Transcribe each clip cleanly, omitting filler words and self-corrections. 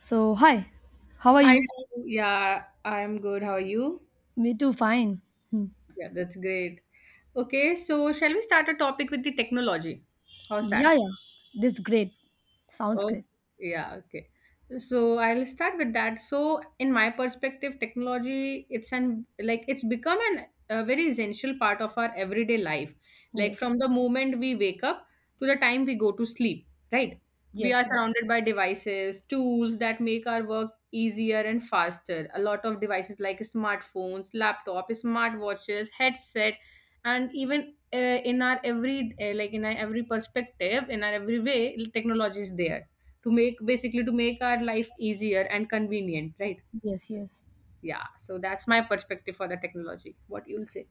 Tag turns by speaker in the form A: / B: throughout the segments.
A: So, hi, how are
B: Hi,
A: you?
B: Ritu. Yeah, I'm good. How are you?
A: Me too, fine. Hmm.
B: Yeah, that's great. Okay, so shall we start a topic with the technology? How's
A: Yeah,
B: that?
A: yeah, that's great. Sounds
B: Oh,
A: great.
B: yeah, okay. So I'll start with that. So in my perspective, technology it's an like it's become an a very essential part of our everyday life. Like
A: Yes,
B: from the moment we wake up to the time we go to sleep, right? We
A: yes,
B: are
A: yes,
B: surrounded by devices, tools that make our work easier and faster. A lot of devices like smartphones, laptop, smartwatches, headset, and even in our every like in our every perspective, in our every way, technology is there to make basically to make our life easier and convenient, right?
A: yes, yes.
B: Yeah, so that's my perspective for the technology. What you'll say?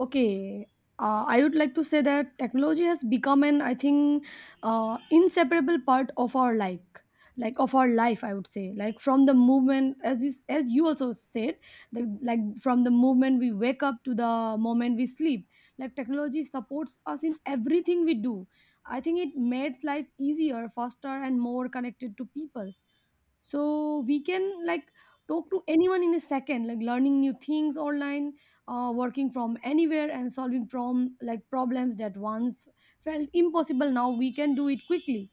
A: Okay, I would like to say that technology has become an, I think, inseparable part of our life, like of our life. I would say, like from the movement, as you also said, like from the moment we wake up to the moment we sleep, like technology supports us in everything we do. I think it makes life easier, faster, and more connected to people, so we can like talk to anyone in a second, like learning new things online, working from anywhere, and solving from like problems that once felt impossible, now we can do it quickly.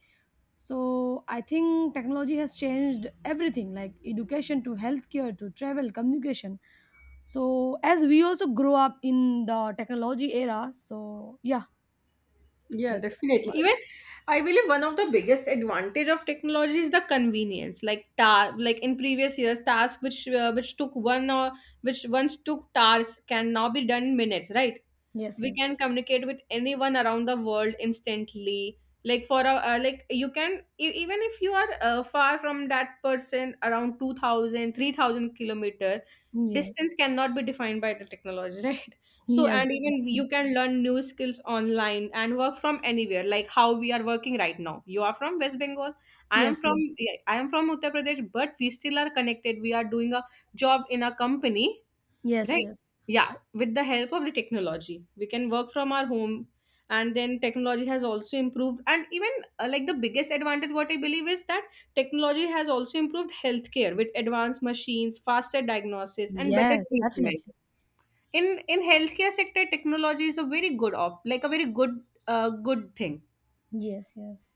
A: So I think technology has changed everything, like education to healthcare to travel communication. So as we also grow up in the technology era. So yeah,
B: Yeah,
A: that's.
B: definitely. Even I believe one of the biggest advantage of technology is the convenience. Like like in previous years, tasks which once took hours can now be done in minutes, right?
A: Yes,
B: We can
A: yes,
B: communicate with anyone around the world instantly, like for a like you can even if you are far from that person around 2,000, 3,000 kilometer,
A: yes,
B: distance cannot be defined by the technology, right? So
A: yes,
B: and even you can learn new skills online and work from anywhere, like how we are working right now. You are from West Bengal, I am
A: yes, yes,
B: from yeah, I am from Uttar Pradesh, but we still are connected. We are doing a job in a company,
A: yes, yes,
B: right?
A: yes,
B: Yeah, with the help of the technology we can work from our home. And then technology has also improved, and even like the biggest advantage what I believe is that technology has also improved healthcare with advanced machines, faster diagnosis and better
A: yes,
B: treatments.
A: definitely.
B: In healthcare sector, technology is a very good op like a very good good thing.
A: Yes, yes.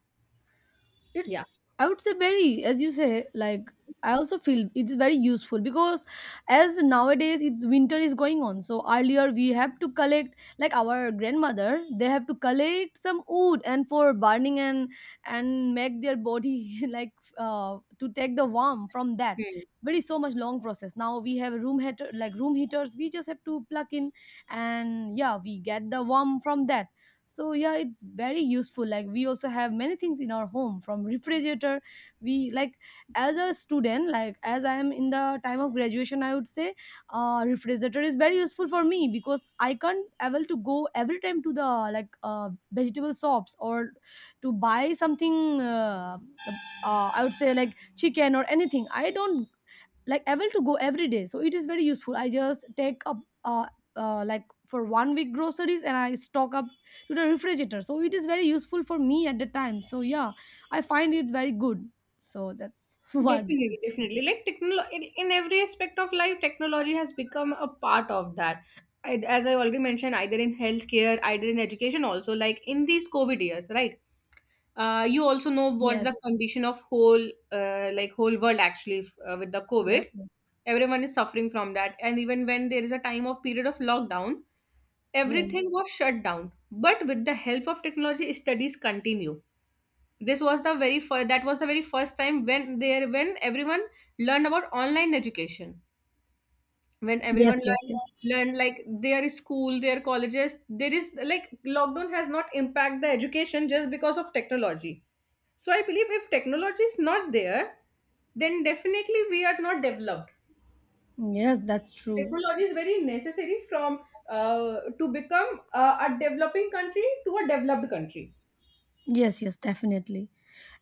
B: Yeah.
A: It's I would say, very, as you say, like, I also feel it's very useful because as nowadays it's winter is going on. So earlier we have to collect, like our grandmother, they have to collect some wood and for burning, and make their body like to take the warmth from that. Very so much long process. Now we have room heater, like room heaters, we just have to plug in, and yeah, we get the warmth from that. So yeah, it's very useful. Like we also have many things in our home, from refrigerator. We like, as a student, like as I am in the time of graduation, I would say refrigerator is very useful for me, because I can't able to go every time to the, like, vegetable shops, or to buy something. I would say like chicken or anything, I don't like able to go every day, so it is very useful. I just take up uh, like for one week groceries, and I stock up to the refrigerator. So it is very useful for me at the time. So yeah, I find it very good. So that's what.
B: Definitely, definitely. Like technology in every aspect of life, technology has become a part of that. I, as I already mentioned, either in healthcare, either in education, also like in these COVID years, right? You also know what's
A: Yes,
B: the condition of whole like whole world actually with the
A: yes,
B: COVID.
A: yes,
B: Everyone is suffering from that, and even when there is a time of period of lockdown,
A: yes,
B: everything was shut down. But with the help of technology, studies continue. This was the very first that was the very first time when there when everyone learned about online education, when
A: yes,
B: everyone
A: yes,
B: learned
A: yes,
B: learned like their school, their colleges. There is like lockdown has not impacted the education just because of technology. So I believe if technology is not there, then definitely we are not developed.
A: yes, that's true.
B: Technology is very necessary from to become a developing country to a developed country.
A: Yes, yes, definitely.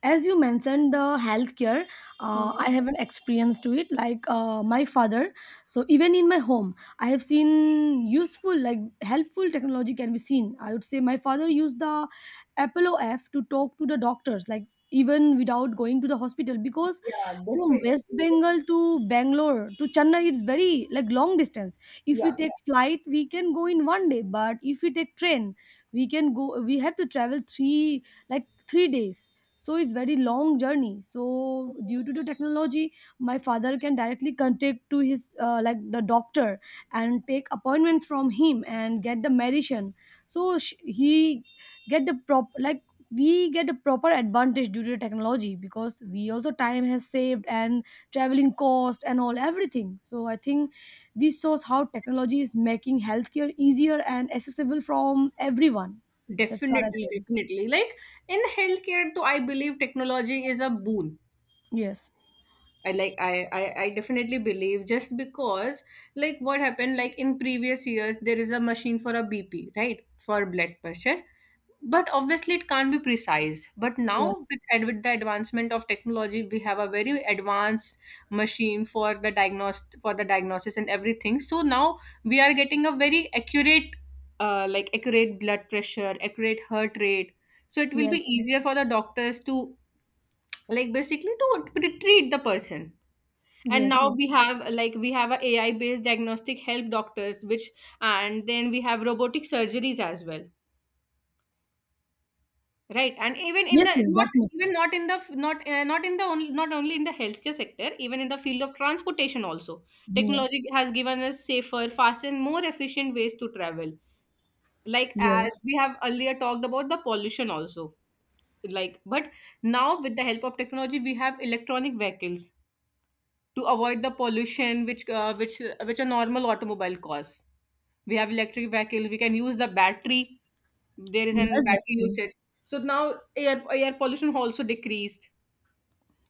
A: As you mentioned, the healthcare,
B: Mhm.
A: I have an experience to it. Like my father, so even in my home, I have seen useful, like helpful technology can be seen. I would say my father used the Apollo app to talk to the doctors, like even without going to the hospital, because
B: Yeah,
A: from
B: definitely,
A: West Bengal to Bangalore to Chennai, it's very like long distance. If we
B: yes.
A: take flight, we can go in one day, but if we take train, we can go. We have to travel 3 days. So it's very long journey. So due to the technology, my father can directly contact to his, like, the doctor, and take appointments from him and get the medicine. So sh- he get the prop like we get a proper advantage due to technology, because we also time has saved, and traveling cost and all everything. So I think this shows how technology is making healthcare easier and accessible from everyone. That's what I
B: Definitely,
A: think.
B: definitely. Like in healthcare, though, I believe technology is a boon.
A: Yes,
B: I definitely believe, just because like what happened, like in previous years there is a machine for a BP, right? For blood pressure. But obviously it can't be precise. But now
A: yes,
B: with the advancement of technology we have a very advanced machine for the diagnose for the diagnosis and everything. So now we are getting a very accurate like accurate blood pressure, accurate heart rate. So it will be
A: yes,
B: easier for the doctors to like basically to treat the person. And
A: yes,
B: now we
A: yes,
B: have like we have a AI based diagnostic help doctors, which, and then we have robotic surgeries as well, right? And even in the
A: yes, yes,
B: not
A: definitely.
B: even not in the f- not not in the only not only in the healthcare sector, even in the field of transportation also, technology
A: Yes,
B: has given us safer, faster and more efficient ways to travel. Like as
A: yes,
B: we have earlier talked about the pollution also, like, but now with the help of technology we have electronic vehicles to avoid the pollution which which a normal automobile cause. We have electric vehicles, we can use the battery, there is an
A: yes, that's
B: battery
A: true.
B: usage. So now air pollution also decreased.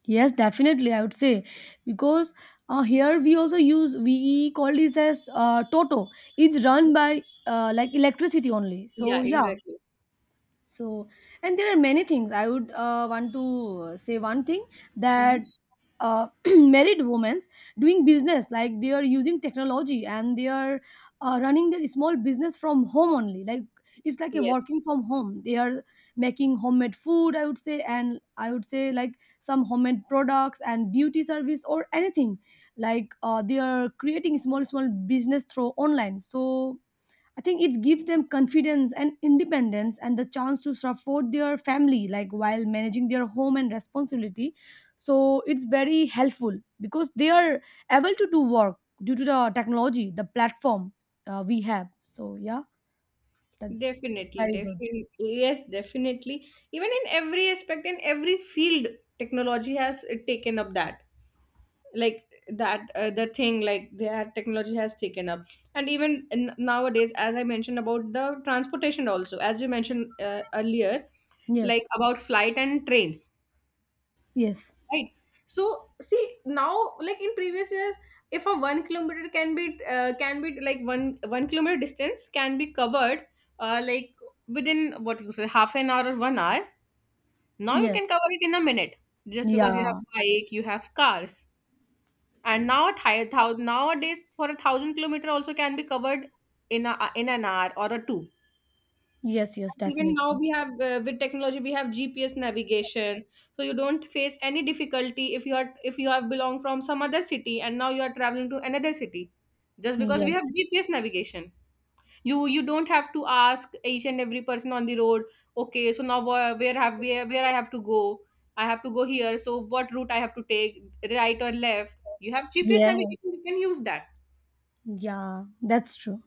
A: Yes, definitely. I would say, because here we also use, we call this as, Toto. It's run by, like, electricity only. So
B: Yeah,
A: yeah,
B: exactly.
A: so and there are many things I would want to say, one thing,
B: Mhm.
A: that uh, married women doing business, like they are using technology, and they are running their small business from home only, like it's like a
B: Yes,
A: working from home. They are making homemade food, I would say, and I would say like some homemade products and beauty service or anything, like they are creating small small business through online. So I think it gives them confidence and independence and the chance to support their family, like while managing their home and responsibility. So it's very helpful because they are able to do work due to the technology, the platform we have. So yeah, that's
B: definitely,
A: very good.
B: definitely, yes, definitely. Even in every aspect, in every field, technology has taken up that, like that the thing like that technology has taken up. And even nowadays, as I mentioned about the transportation also, as you mentioned earlier, like
A: Yes,
B: about flight and trains,
A: yes,
B: right? So see now like in previous years, if a 1 kilometer can be uh, can be like one one kilometer distance can be covered like within what you say half an hour or 1 hour, now you can
A: yes,
B: cover it in a minute, just because you have
A: yeah,
B: bike, you have cars. And nowadays for a 1,000 kilometer also can be covered in a in an hour or a two.
A: yes, yes,
B: Even
A: definitely.
B: now we have with technology we have GPS navigation. So you don't face any difficulty if you are, if you have belong from some other city and now you are traveling to another city, just because we
A: Yes,
B: have GPS navigation. You don't have to ask each and every person on the road, okay so now where I have to go. I have to go here, so what route I have to take, right or left? You have GPS
A: yes,
B: navigation, you can use that.
A: yeah, that's true.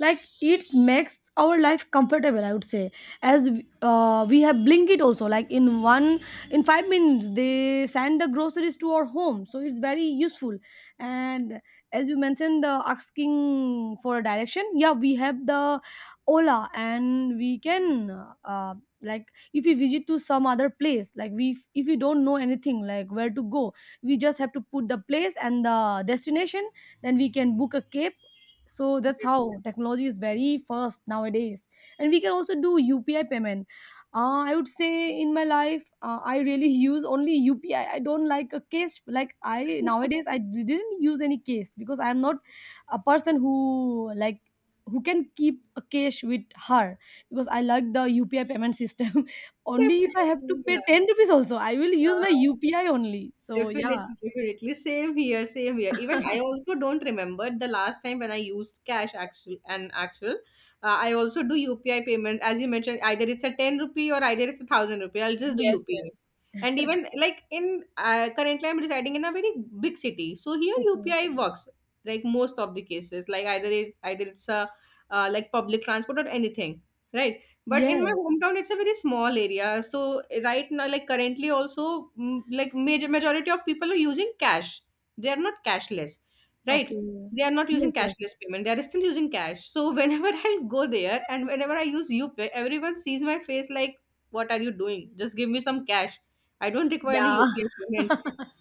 A: Like it makes our life comfortable, I would say, as we have Blinkit also, like in 5 minutes they send the groceries to our home, so it's very useful. And as you mentioned, the asking for a direction, yeah, we have the Ola, and we can, uh, like, if we visit to some other place, like we, if we don't know anything, like where to go, we just have to put the place and the destination, then we can book a cab. So that's how
B: Definitely.
A: technology is very fast nowadays. And we can also do UPI payment. I would say, in my life, I really use only UPI. I don't like a cash. Like I, nowadays, I didn't use any cash, because I'm not a person who like who can keep a cash with her, because I like the UPI payment system. Only if I have to
B: Definitely,
A: pay
B: yeah.
A: 10 rupees also, I will use my
B: Uh-huh.
A: UPI only. So yeah.
B: Definitely, definitely. Same here, same here. Even I also don't remember the last time when I used cash, actual and actual. I also do UPI payment. As you mentioned, either it's a 10 rupee or either it's a 1,000 rupee, I'll just do
A: Yes, yes.
B: UPI. And even like in currently, I'm residing in a very big city. So here
A: Okay.
B: UPI works like most of the cases. Like either it's a like public transport or anything, right? But in my
A: Yes.
B: hometown, it's a very small area. So right now, like currently, also like majority of people are using cash. They are not cashless,
A: Okay.
B: right? They are not using
A: Yes, yes.
B: cashless payment. They are still using cash. So whenever I go there and whenever I use UPI, everyone sees my face like, "What are you doing? Just give me some cash. I don't require any
A: Yeah.
B: UPI payment."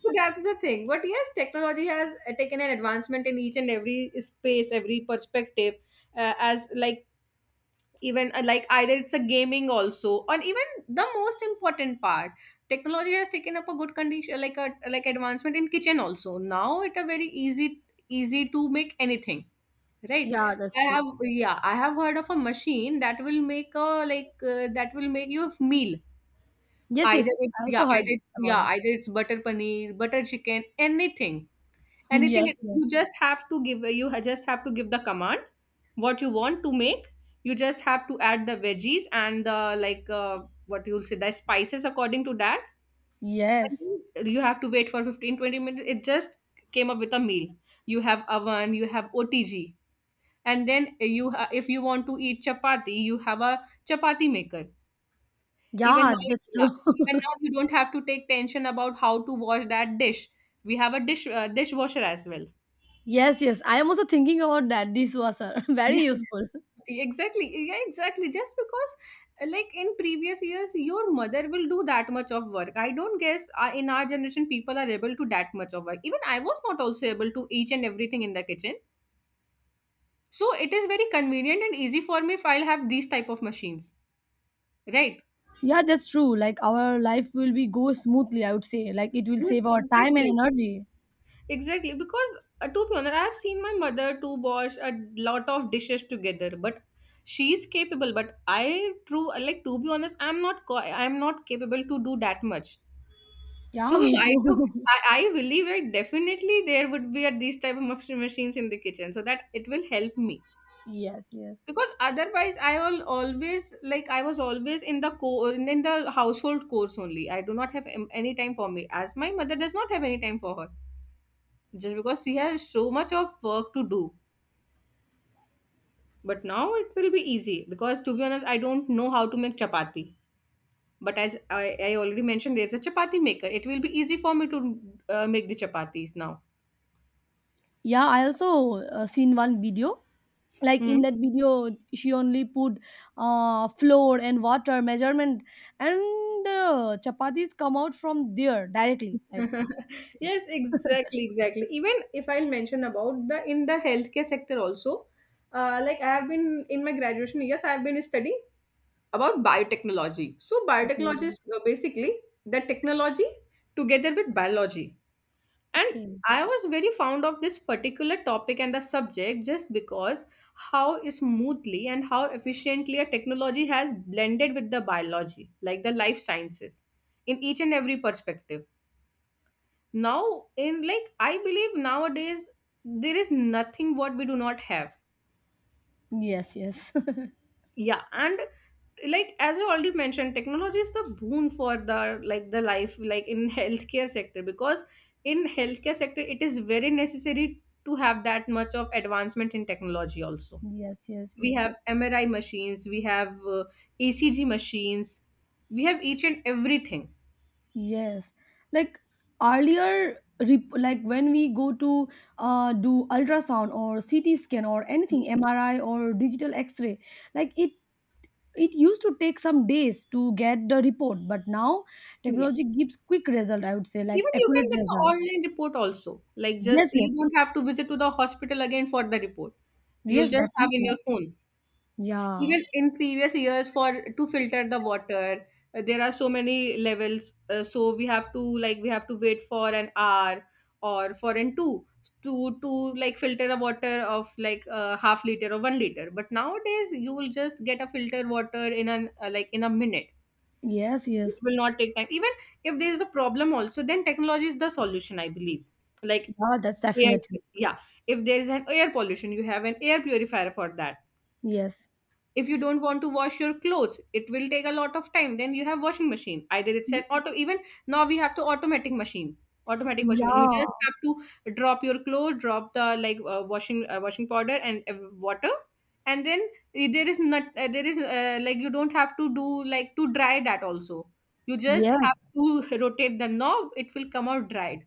B: So that's the thing. But yes, technology has taken an advancement in each and every space, every perspective. As like even like either it's a gaming also, or even the most important part, technology has taken up a good condition, like a like advancement in kitchen also. Now it a very easy to make anything, right?
A: Yeah, that's
B: I
A: true.
B: have Yeah, I have heard of a machine that will make a that will make you a meal,
A: Yes, yes.
B: either it's
A: I also
B: yeah
A: heard
B: either it's,
A: about
B: yeah
A: it.
B: either it's butter paneer, butter chicken, anything anything.
A: Yes, yes.
B: You just have to just have to give the command what you want to make. You just have to add the veggies and the what you'll say the spices according to that, and
A: Yes.
B: then you have to wait for 15 20 minutes, it just came up with a meal. You have oven, you have OTG, and then you if you want to eat chapati, you have a chapati maker. Even
A: Yeah,
B: now
A: that's
B: Yeah,
A: true.
B: even now you don't have to take tension about how to wash that dish. We have a dishwasher as well.
A: Yes, yes. I am also thinking about that. This was, very useful.
B: Exactly, yeah, exactly. Just because like in previous years, your mother will do that much of work. I don't guess in our generation people are able to that much of work. Even I was not also able to each and everything in the kitchen. So it is very convenient and easy for me if I'll have these type of machines, right?
A: Yeah, that's true. Like our life will be go smoothly, I would say. Like it will
B: Yes,
A: save our time and
B: exactly,
A: energy.
B: exactly. Because to be honest, I have seen my mother to wash a lot of dishes together, but she is capable. But i true like to be honest, I'm not capable to do that much.
A: Yeah,
B: So
A: me
B: I do.
A: too.
B: I believe it, definitely there would be a, these type of machines in the kitchen so that it will help me.
A: Yes, yes.
B: Because otherwise I will always like I was always in the core in the household course only. I do not have any time for me, as my mother does not have any time for her, just because she has so much of work to do. But now it will be easy because to be honest I don't know how to make chapati. But as I already mentioned, there's a chapati maker. It will be easy for me to make the chapatis now.
A: Yeah, I also seen one video. Like
B: Hmm.
A: in that video, she only put flour and water measurement, and the chapatis come out from there directly, like.
B: Yes, exactly, exactly. Even if I'll mention about the healthcare sector also, like I have been in my graduation years, I have been studying about biotechnology. So
A: Okay,
B: biotechnology is basically the technology together with biology. And
A: okay,
B: I was very fond of this particular topic and the subject just because how smoothly and how efficiently a technology has blended with the biology, like the life sciences, in each and every perspective. Now in like I believe nowadays there is nothing what we do not have.
A: yes, yes,
B: Yeah. And like as you already mentioned, technology is the boon for the like the life like in healthcare sector, because in healthcare sector it is very necessary to have that much of advancement in technology also.
A: yes, yes,
B: We
A: yes,
B: have MRI machines, we have ECG machines, we have each and everything.
A: yes. Like earlier, like when we go to do ultrasound or CT scan or anything, MRI or digital X-ray, like it used to take some days to get the report, but now technology gives quick result, I would say, like
B: Even you
A: accurate
B: can get the
A: result.
B: online report also. Like just
A: Yes, yes,
B: you don't have to visit to the hospital again for the report. You'll
A: yes,
B: just have
A: definitely.
B: in your phone.
A: Yeah,
B: Even in previous years for to filter the water, there are so many levels. So we have to like we have to wait for an hour or for an two to like filter a water of like a half liter or 1 liter. But nowadays you will just get a filter water in an like in a minute.
A: yes,
B: It
A: yes.
B: will not take time. Even if there is a problem also, then technology is the solution, I believe. Like
A: Yeah, that's
B: air,
A: definitely.
B: yeah, if there is an air pollution, you have an air purifier for that.
A: Yes,
B: If you don't want to wash your clothes, it will take a lot of time, then you have washing machine, either it's an auto. Even now we have to automatic machine, automatic washing machine. You
A: yeah.
B: just have to drop your clothes, drop the like washing washing powder and water. And then there is like you don't have to do like to dry that also. You just
A: Yeah.
B: have to rotate the knob, it will come out dried.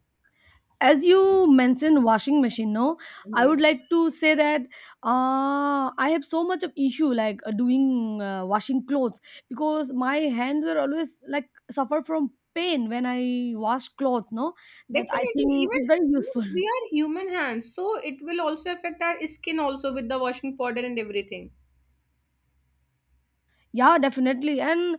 A: As you mentioned washing machine, no, I would
B: Mhm.
A: like to say that I have so much of issue, like doing washing clothes, because my hands were always like suffer from pain when I wash clothes, no, that I
B: Definitely,
A: think is very
B: even
A: useful.
B: we are human hands, so it will also affect our skin also with the washing powder and everything.
A: Yeah, definitely. And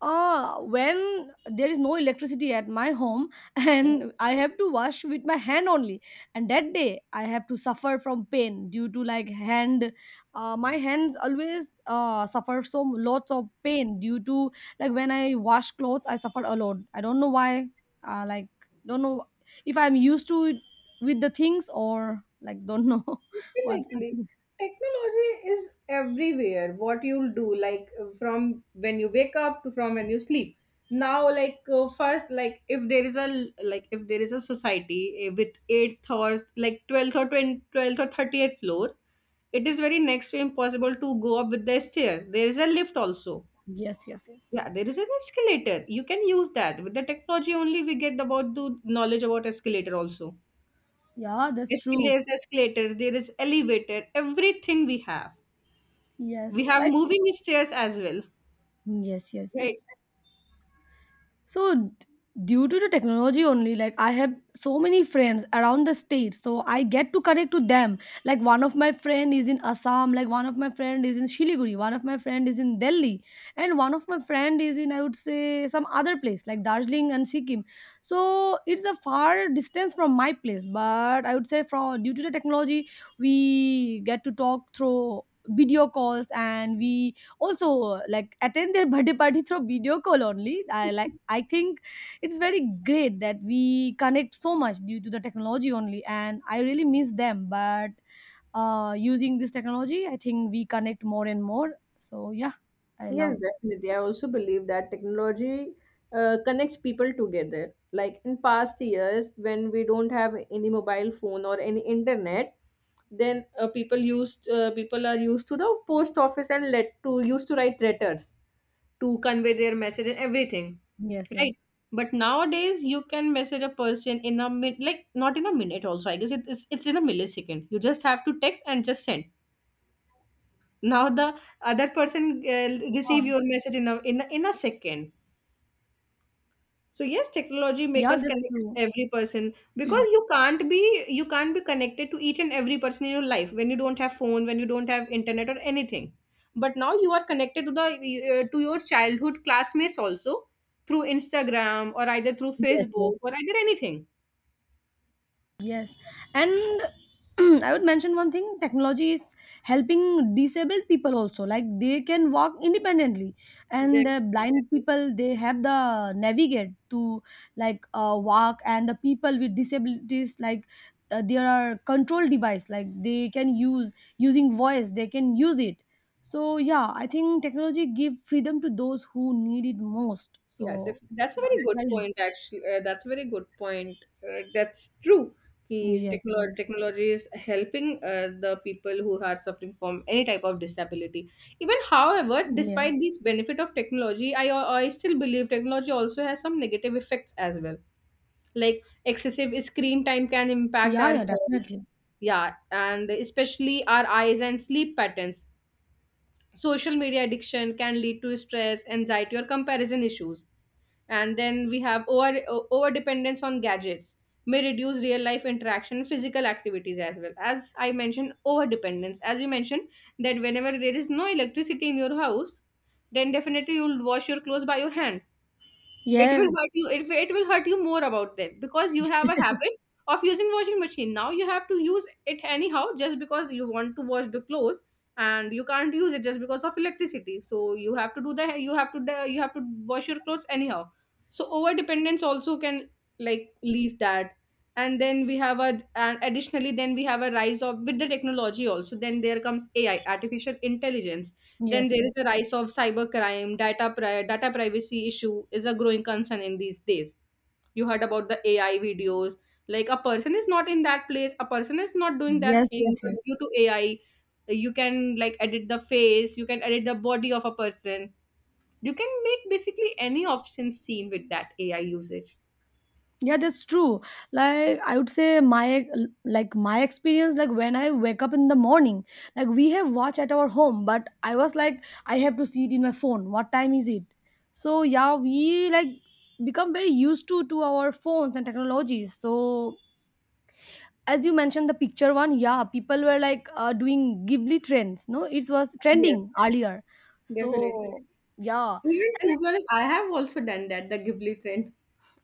A: when there is no electricity at my home,
B: Yes.
A: and I have to wash with my hand only, and that day I have to suffer from pain due to like hand, my hands always suffer so lots of pain due to, like, when I wash clothes I suffer a lot, I don't know why. Like, don't know, if I'm used to it with the things, or like don't know. What's the
B: Definitely.
A: thing?
B: Technology is everywhere. What you'll do, like from when you wake up to from when you sleep. Now, like first, like if there is a like if there is a society, eh, with eighth or like 12th or 20, 12th or 30th floor, it is very next to impossible to go up with the stairs. There is a lift also.
A: Yes, yes, yes,
B: Yeah, there is an escalator. You can use that. With the technology only we get about the knowledge about escalator also.
A: yeah, that's true.
B: Escalators, escalator, there is elevator, everything we have.
A: Yes,
B: We have
A: like,
B: moving stairs as well.
A: yes, yes, yes.
B: Right.
A: So due to the technology only, like I have so many friends around the state, so I get to connect to them. Like one of my friend is in Assam, like one of my friend is in Shiliguri, one of my friend is in Delhi, and one of my friend is in, I would say, some other place like Darjeeling and Sikkim. So it's a far distance from my place, but I would say from due to the technology, we get to talk through video calls, and we also like attend their birthday party through video call only. I, like, I think it's very great that we connect so much due to the technology only, and I really miss them. But using this technology, I think we connect more and more. So yeah, I love
B: Yes,
A: that.
B: definitely. I also believe that technology connects people together. Like in past years, when we don't have any mobile phone or any internet, then people used people are used to the post office and let to used to write letters to convey their message and everything.
A: Yes, yes.
B: Right. But nowadays you can message a person in a minute, like not in a minute also, I guess it's in a millisecond. You just have to text and just send. Now the other person uh, receive
A: Yeah,
B: your message in a in a second. So yes, technology make
A: yeah,
B: us
A: that's
B: connect
A: true.
B: every person
A: Yes,
B: because you can't be connected to each and every person in your life when you don't have phone, when you don't have internet or anything. But now you are connected to the to your childhood classmates also through Instagram or either through
A: yes.
B: Facebook or either anything.
A: Yes, and I would mention one thing: technology is helping disabled people also. Like they can walk independently, and
B: Yes.
A: the blind people, they have the navigate to, like, walk, and the people with disabilities, like, there are control device like they can use, using voice they can use it. So yeah, I think technology give freedom to those who need it most.
B: Yeah,
A: So
B: that's a
A: yeah,
B: very
A: it's
B: good
A: very.
B: point. Actually, that's a very good point. That's true. Ki
A: Yes, yes,
B: technology is helping the people who are suffering from any type of disability. Even, however,
A: yes.
B: despite these benefit of technology, I still believe technology also has some negative effects as well. Like excessive screen time can impact
A: Yeah,
B: our
A: yeah,
B: health.
A: definitely.
B: Yeah, and especially our eyes and sleep patterns. Social media addiction can lead to stress, anxiety, or comparison issues. And then we have over dependence on gadgets may reduce real life interaction and physical activities, as well. As I mentioned over dependence, as you mentioned, that whenever there is no electricity in your house, then definitely you'll wash your clothes by your hand. It
A: Yeah,
B: will hurt you. It will hurt you more about them because you have a habit of using washing machine. Now you have to use it anyhow just because you want to wash the clothes, and you can't use it just because of electricity. So you have to do the you have to wash your clothes anyhow. So over dependence also can like leave that. And then we have a and additionally then we have a rise of with the technology also. Then there comes AI, artificial intelligence. Then
A: yes,
B: there
A: yes,
B: is a rise of cybercrime, data privacy issue is a growing concern in these days. You heard about the AI videos. Like a person is not in that place, a person is not doing that
A: yes,
B: thing,
A: yes,
B: but
A: yes.
B: due to AI, you can like edit the face, you can edit the body of a person. You can make basically any option seen with that AI usage.
A: Yeah, that's true. Like I would say my experience, like when I wake up in the morning, like we have watch at our home, but I was like I have to see it in my phone. What time is it? So yeah, we like become very used to our phones and technologies. So as you mentioned the picture one, yeah, people were like doing Ghibli trends. No, it was
B: Yes,
A: trending earlier.
B: definitely.
A: So yeah.
B: Even to be honest, I have also done that, the Ghibli trend.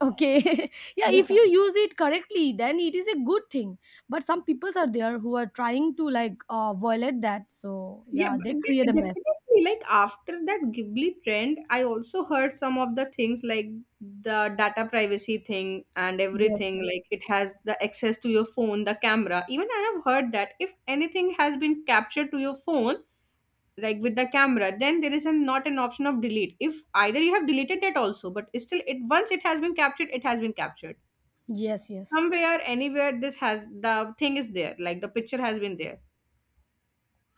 A: Okay. Yeah, if you use it correctly, then it is a good thing. But some people are there who are trying to violate that. So
B: Yeah,
A: yeah,
B: but
A: they create a
B: definitely.
A: mess.
B: Like after that Ghibli trend, I also heard some of the things, like the data privacy thing and
A: Yes.
B: everything. Like it has the access to your phone, the camera. Even I have heard that if anything has been captured to your phone, like with the camera, then there is a, not an option of delete. If either you have deleted that also, but it's still it, once it has been captured, it has been captured.
A: Yes, yes.
B: Somewhere, anywhere, this has the thing is there. Like the picture has been there.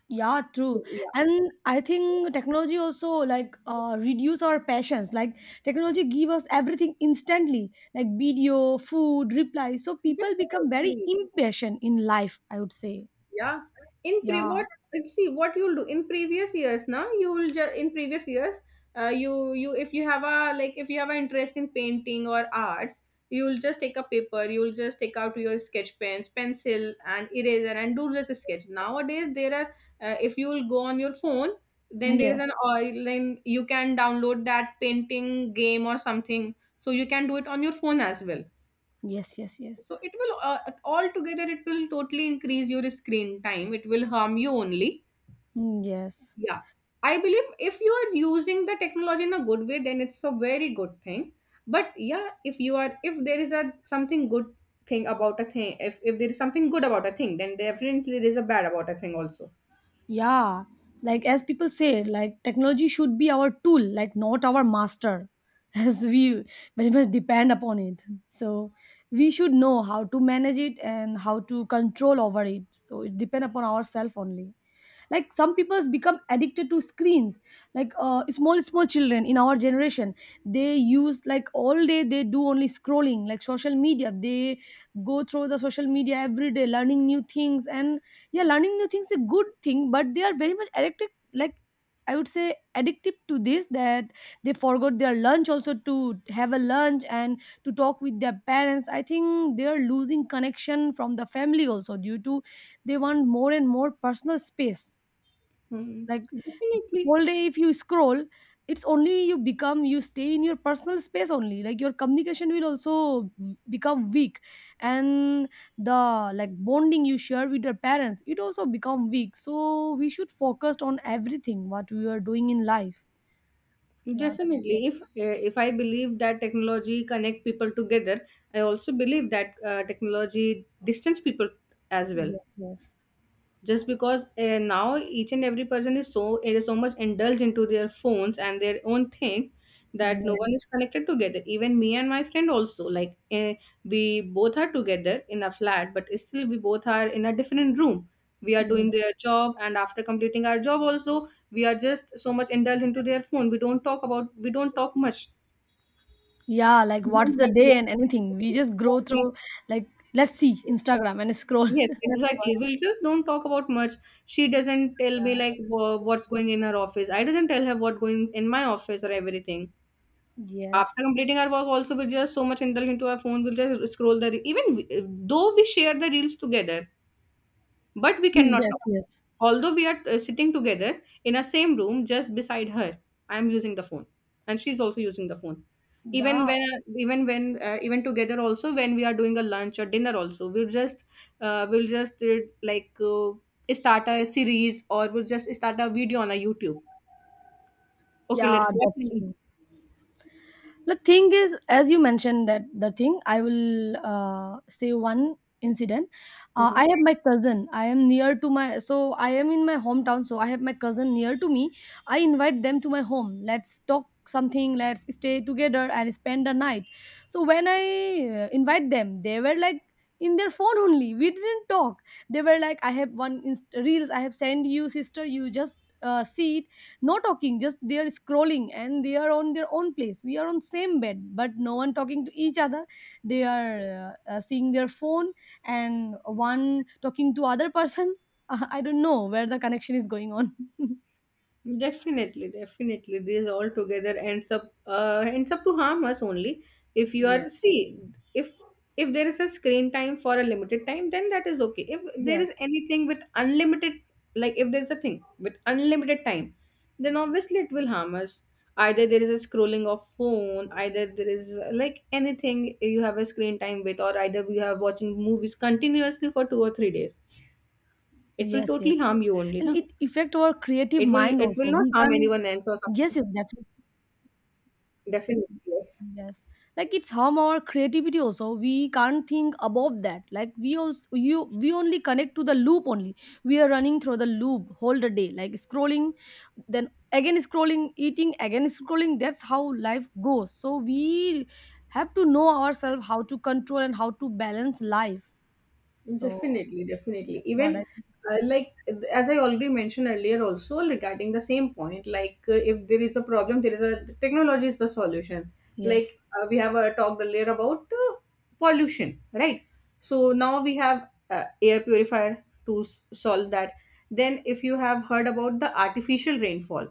A: Yeah, true.
B: Yeah,
A: And I think technology also reduce our passions. Like technology give us everything instantly, like video, food, reply. So people become very
B: definitely.
A: impatient in life, I would say.
B: Yeah. In pre
A: Yeah.
B: what see what you'll do in previous years, now you will in previous years you if you have a like if you have an interest in painting or arts, you'll just take a paper, you'll just take out your sketch pens, pencil and eraser and do just a sketch. Nowadays there are if you'll go on your phone, then there is
A: Yes.
B: an or then you can download that painting game or something, so you can do it on your phone as well.
A: Yes, yes, yes.
B: So it will all together it will totally increase your screen time, it will harm you only.
A: Mm, yes.
B: Yeah. I believe if you are using the technology in a good way, then it's a very good thing. But yeah, if you are if there is a something good thing about a thing, if there is something good about a thing, then definitely there is a bad about a thing also.
A: Yeah, like as people say, like technology should be our tool, like not our master, as we very much depend upon it. So we should know how to manage it and how to control over it. So it depend upon ourselves only. Like some people become addicted to screens. Small children in our generation, they use like all day they do only scrolling, like social media. They go through the social media every day, learning new things and yeah, learning new things is a good thing, but they are very much addicted. Like I would say, addictive to this that they forgot their lunch also to have a lunch and to talk with their parents. I think they are losing connection from the family also due to they want more and more personal space.
B: Hmm.
A: Like
B: Definitely,
A: whole day if you scroll it's only you stay in your personal space only, like your communication will also become weak, and the like bonding you share with your parents, it also become weak. So we should focus on everything what we are doing in life. Yeah, that's.
B: definitely. If I believe that technology connect people together, I also believe that technology distance people as well.
A: Yes, yes.
B: Just because now each and every person is so it is so much indulged into their phones and their own thing that no
A: Yeah,
B: one is connected together. Even me and my friend also like eh, we both are together in a flat, but still we both are in a different room, we are
A: yeah.
B: doing their job, and after completing our job also we are just so much indulged into their phone. We don't talk much,
A: Yeah, like
B: we
A: what's the
B: don't
A: day and anything we just grow
B: want.
A: through, like let's see Instagram and scroll.
B: Yes,
A: That's what.
B: exactly. We'll just don't talk about much. She doesn't tell me
A: Yeah.
B: like what's going in her office. I doesn't tell her what going in my office or everything.
A: Yes.
B: After completing our work, also we'll just so much indulge into our phone. We'll just scroll the though we share the reels together. But we cannot
A: Yes,
B: talk.
A: yes.
B: Although we are sitting together in a same room, just beside her, I am using the phone, and she's also using the phone.
A: Yeah.
B: Even together also, when we are doing a lunch or dinner also, we'll just, uh, we'll just uh, like uh, start a series or we'll just start a video on a YouTube. Okay,
A: Yeah,
B: let's watch.
A: that's
B: It.
A: true. The thing is, as you mentioned that the thing, I will say one incident. I
B: Mhm.
A: have my cousin. I am near to my, so I am in my hometown. So I have my cousin near to me. I invite them to my home. Let's talk something. Let's stay together and spend the night. So when I invite them, they were like in their phone only. We didn't talk. They were like, I have reels. I have sent you, sister. You just see. No talking, just they are scrolling and they are on their own place. We are on same bed but no one talking to each other. They are seeing their phone and one talking to other person. I don't know where the connection is going on.
B: Definitely, definitely, these all together ends up to harm us only. If you
A: Yes.
B: are see, if if there is a screen time for a limited time, then that is okay. If there
A: Yes,
B: is anything with unlimited, like if there is a thing with unlimited time, then obviously it will harm us. Either there is a scrolling of phone, either there is like anything you have a screen time with, or either you have watching movies continuously for 2 or 3 days. It will
A: yes,
B: totally
A: yes.
B: harm
A: Yes.
B: you only,
A: And
B: na?
A: it affect our creative mind
B: It
A: also,
B: will not
A: we
B: harm
A: can.
B: anyone else or
A: Yes,
B: something.
A: yes, definitely.
B: Definitely, yes.
A: Yes, like it's harm our creativity also. We can't think above that. Like we also you we only connect to the loop only. We are running through the loop whole the day, like scrolling, then again scrolling, eating, again scrolling. That's how life goes. So we have to know ourselves how to control and how to balance life. So
B: Definitely, definitely.
A: that's what I
B: Even
A: think.
B: like as I already mentioned earlier, also regarding the same point, like if there is a problem, there is a technology is the solution.
A: Yes.
B: Like we have talked earlier about pollution, right? So now we have air purifier to solve that. Then, if you have heard about the artificial rainfall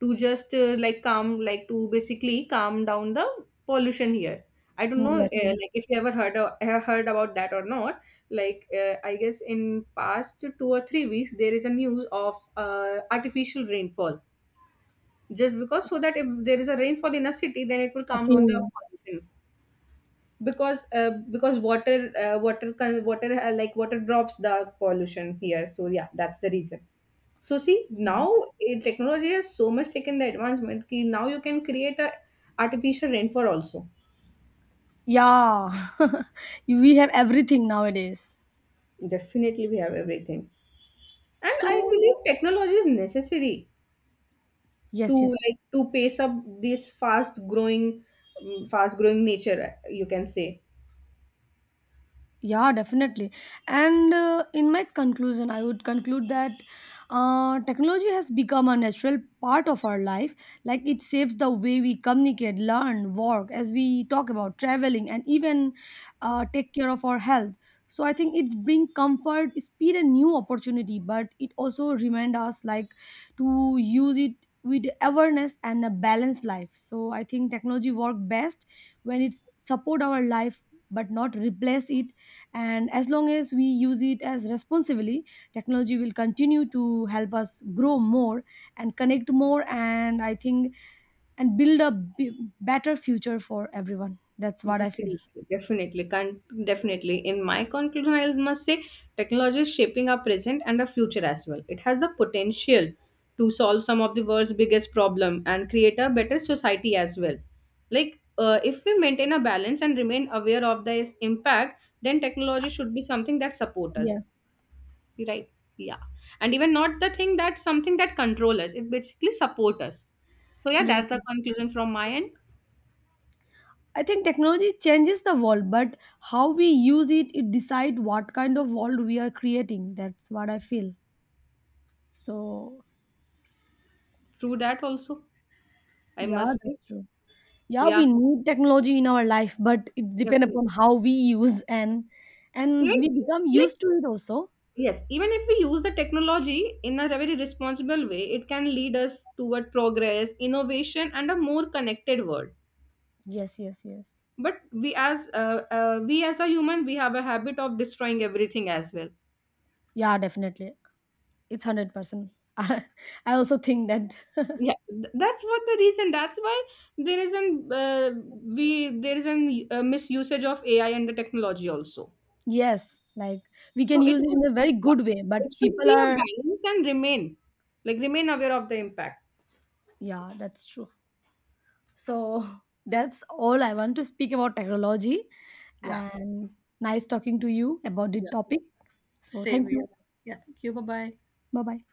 B: to just like calm like to basically calm down the pollution here. I don't know
A: Yes. Yes.
B: like if you ever heard of, have heard about that or not. Like I guess in past 2 or 3 weeks there is a news of artificial rainfall just because so that if there is a rainfall in a city then it will calm
A: Okay.
B: down the pollution because water water like water drops the pollution here. So yeah, that's the reason. So see, now eh, technology has so much taken the advancement ki now you can create a artificial rainfall also.
A: Yeah. We have everything nowadays.
B: Definitely we have everything. And I
A: So
B: believe technology is necessary to
A: yes, yes.
B: like to pace up this fast growing nature, eh, you can say.
A: Yeah, definitely. And in my conclusion, I would conclude that technology has become a natural part of our life. Like it saves the way we communicate, learn, work, as we talk about traveling, and even take care of our health. So I think it's bring comfort, speed, and new opportunity. But it also remind us like to use it with awareness and a balanced life. So I think technology work best when it support our life, but not replace it, and as long as we use it as responsibly, technology will continue to help us grow more and connect more. And I think and build a better future for everyone. That's what I feel.
B: Definitely, definitely, can definitely. In my conclusion, I must say technology is shaping our present and our future as well. It has the potential to solve some of the world's biggest problem and create a better society as well. Like, if we maintain a balance and remain aware of this impact, then technology should be something that support us,
A: Yes,
B: right? Yeah, and even not the thing that something that control us. It basically support us. So yeah,
A: yes.
B: that's the conclusion from my end.
A: I think technology changes the world, but how we use it, it decide what kind of world we are creating. That's what I feel. So
B: Through that also, I
A: yeah,
B: must
A: that's
B: say,
A: true. Yeah, we
B: yeah.
A: need technology in our life, but it depends
B: Definitely.
A: upon how we use, and
B: Even
A: we become
B: like
A: used to it also.
B: yes, even if we use the technology in a very responsible way, it can lead us toward progress, innovation, and a more connected world.
A: Yes, yes, yes.
B: But we as a human, we have a habit of destroying everything as well.
A: Yeah, definitely. It's 100%. I, I also think that.
B: Yeah, that's what the reason. That's why there is an we there is an misusage of AI and the technology also.
A: Yes, like we can
B: So it
A: use it
B: would
A: in a very
B: yeah,
A: good way, but
B: it should
A: people
B: be a
A: are.
B: balance and remain like remain aware of the impact.
A: Yeah, that's true. So that's all I want to speak about technology and nice talking to you about the topic. So thank you. Bye-bye.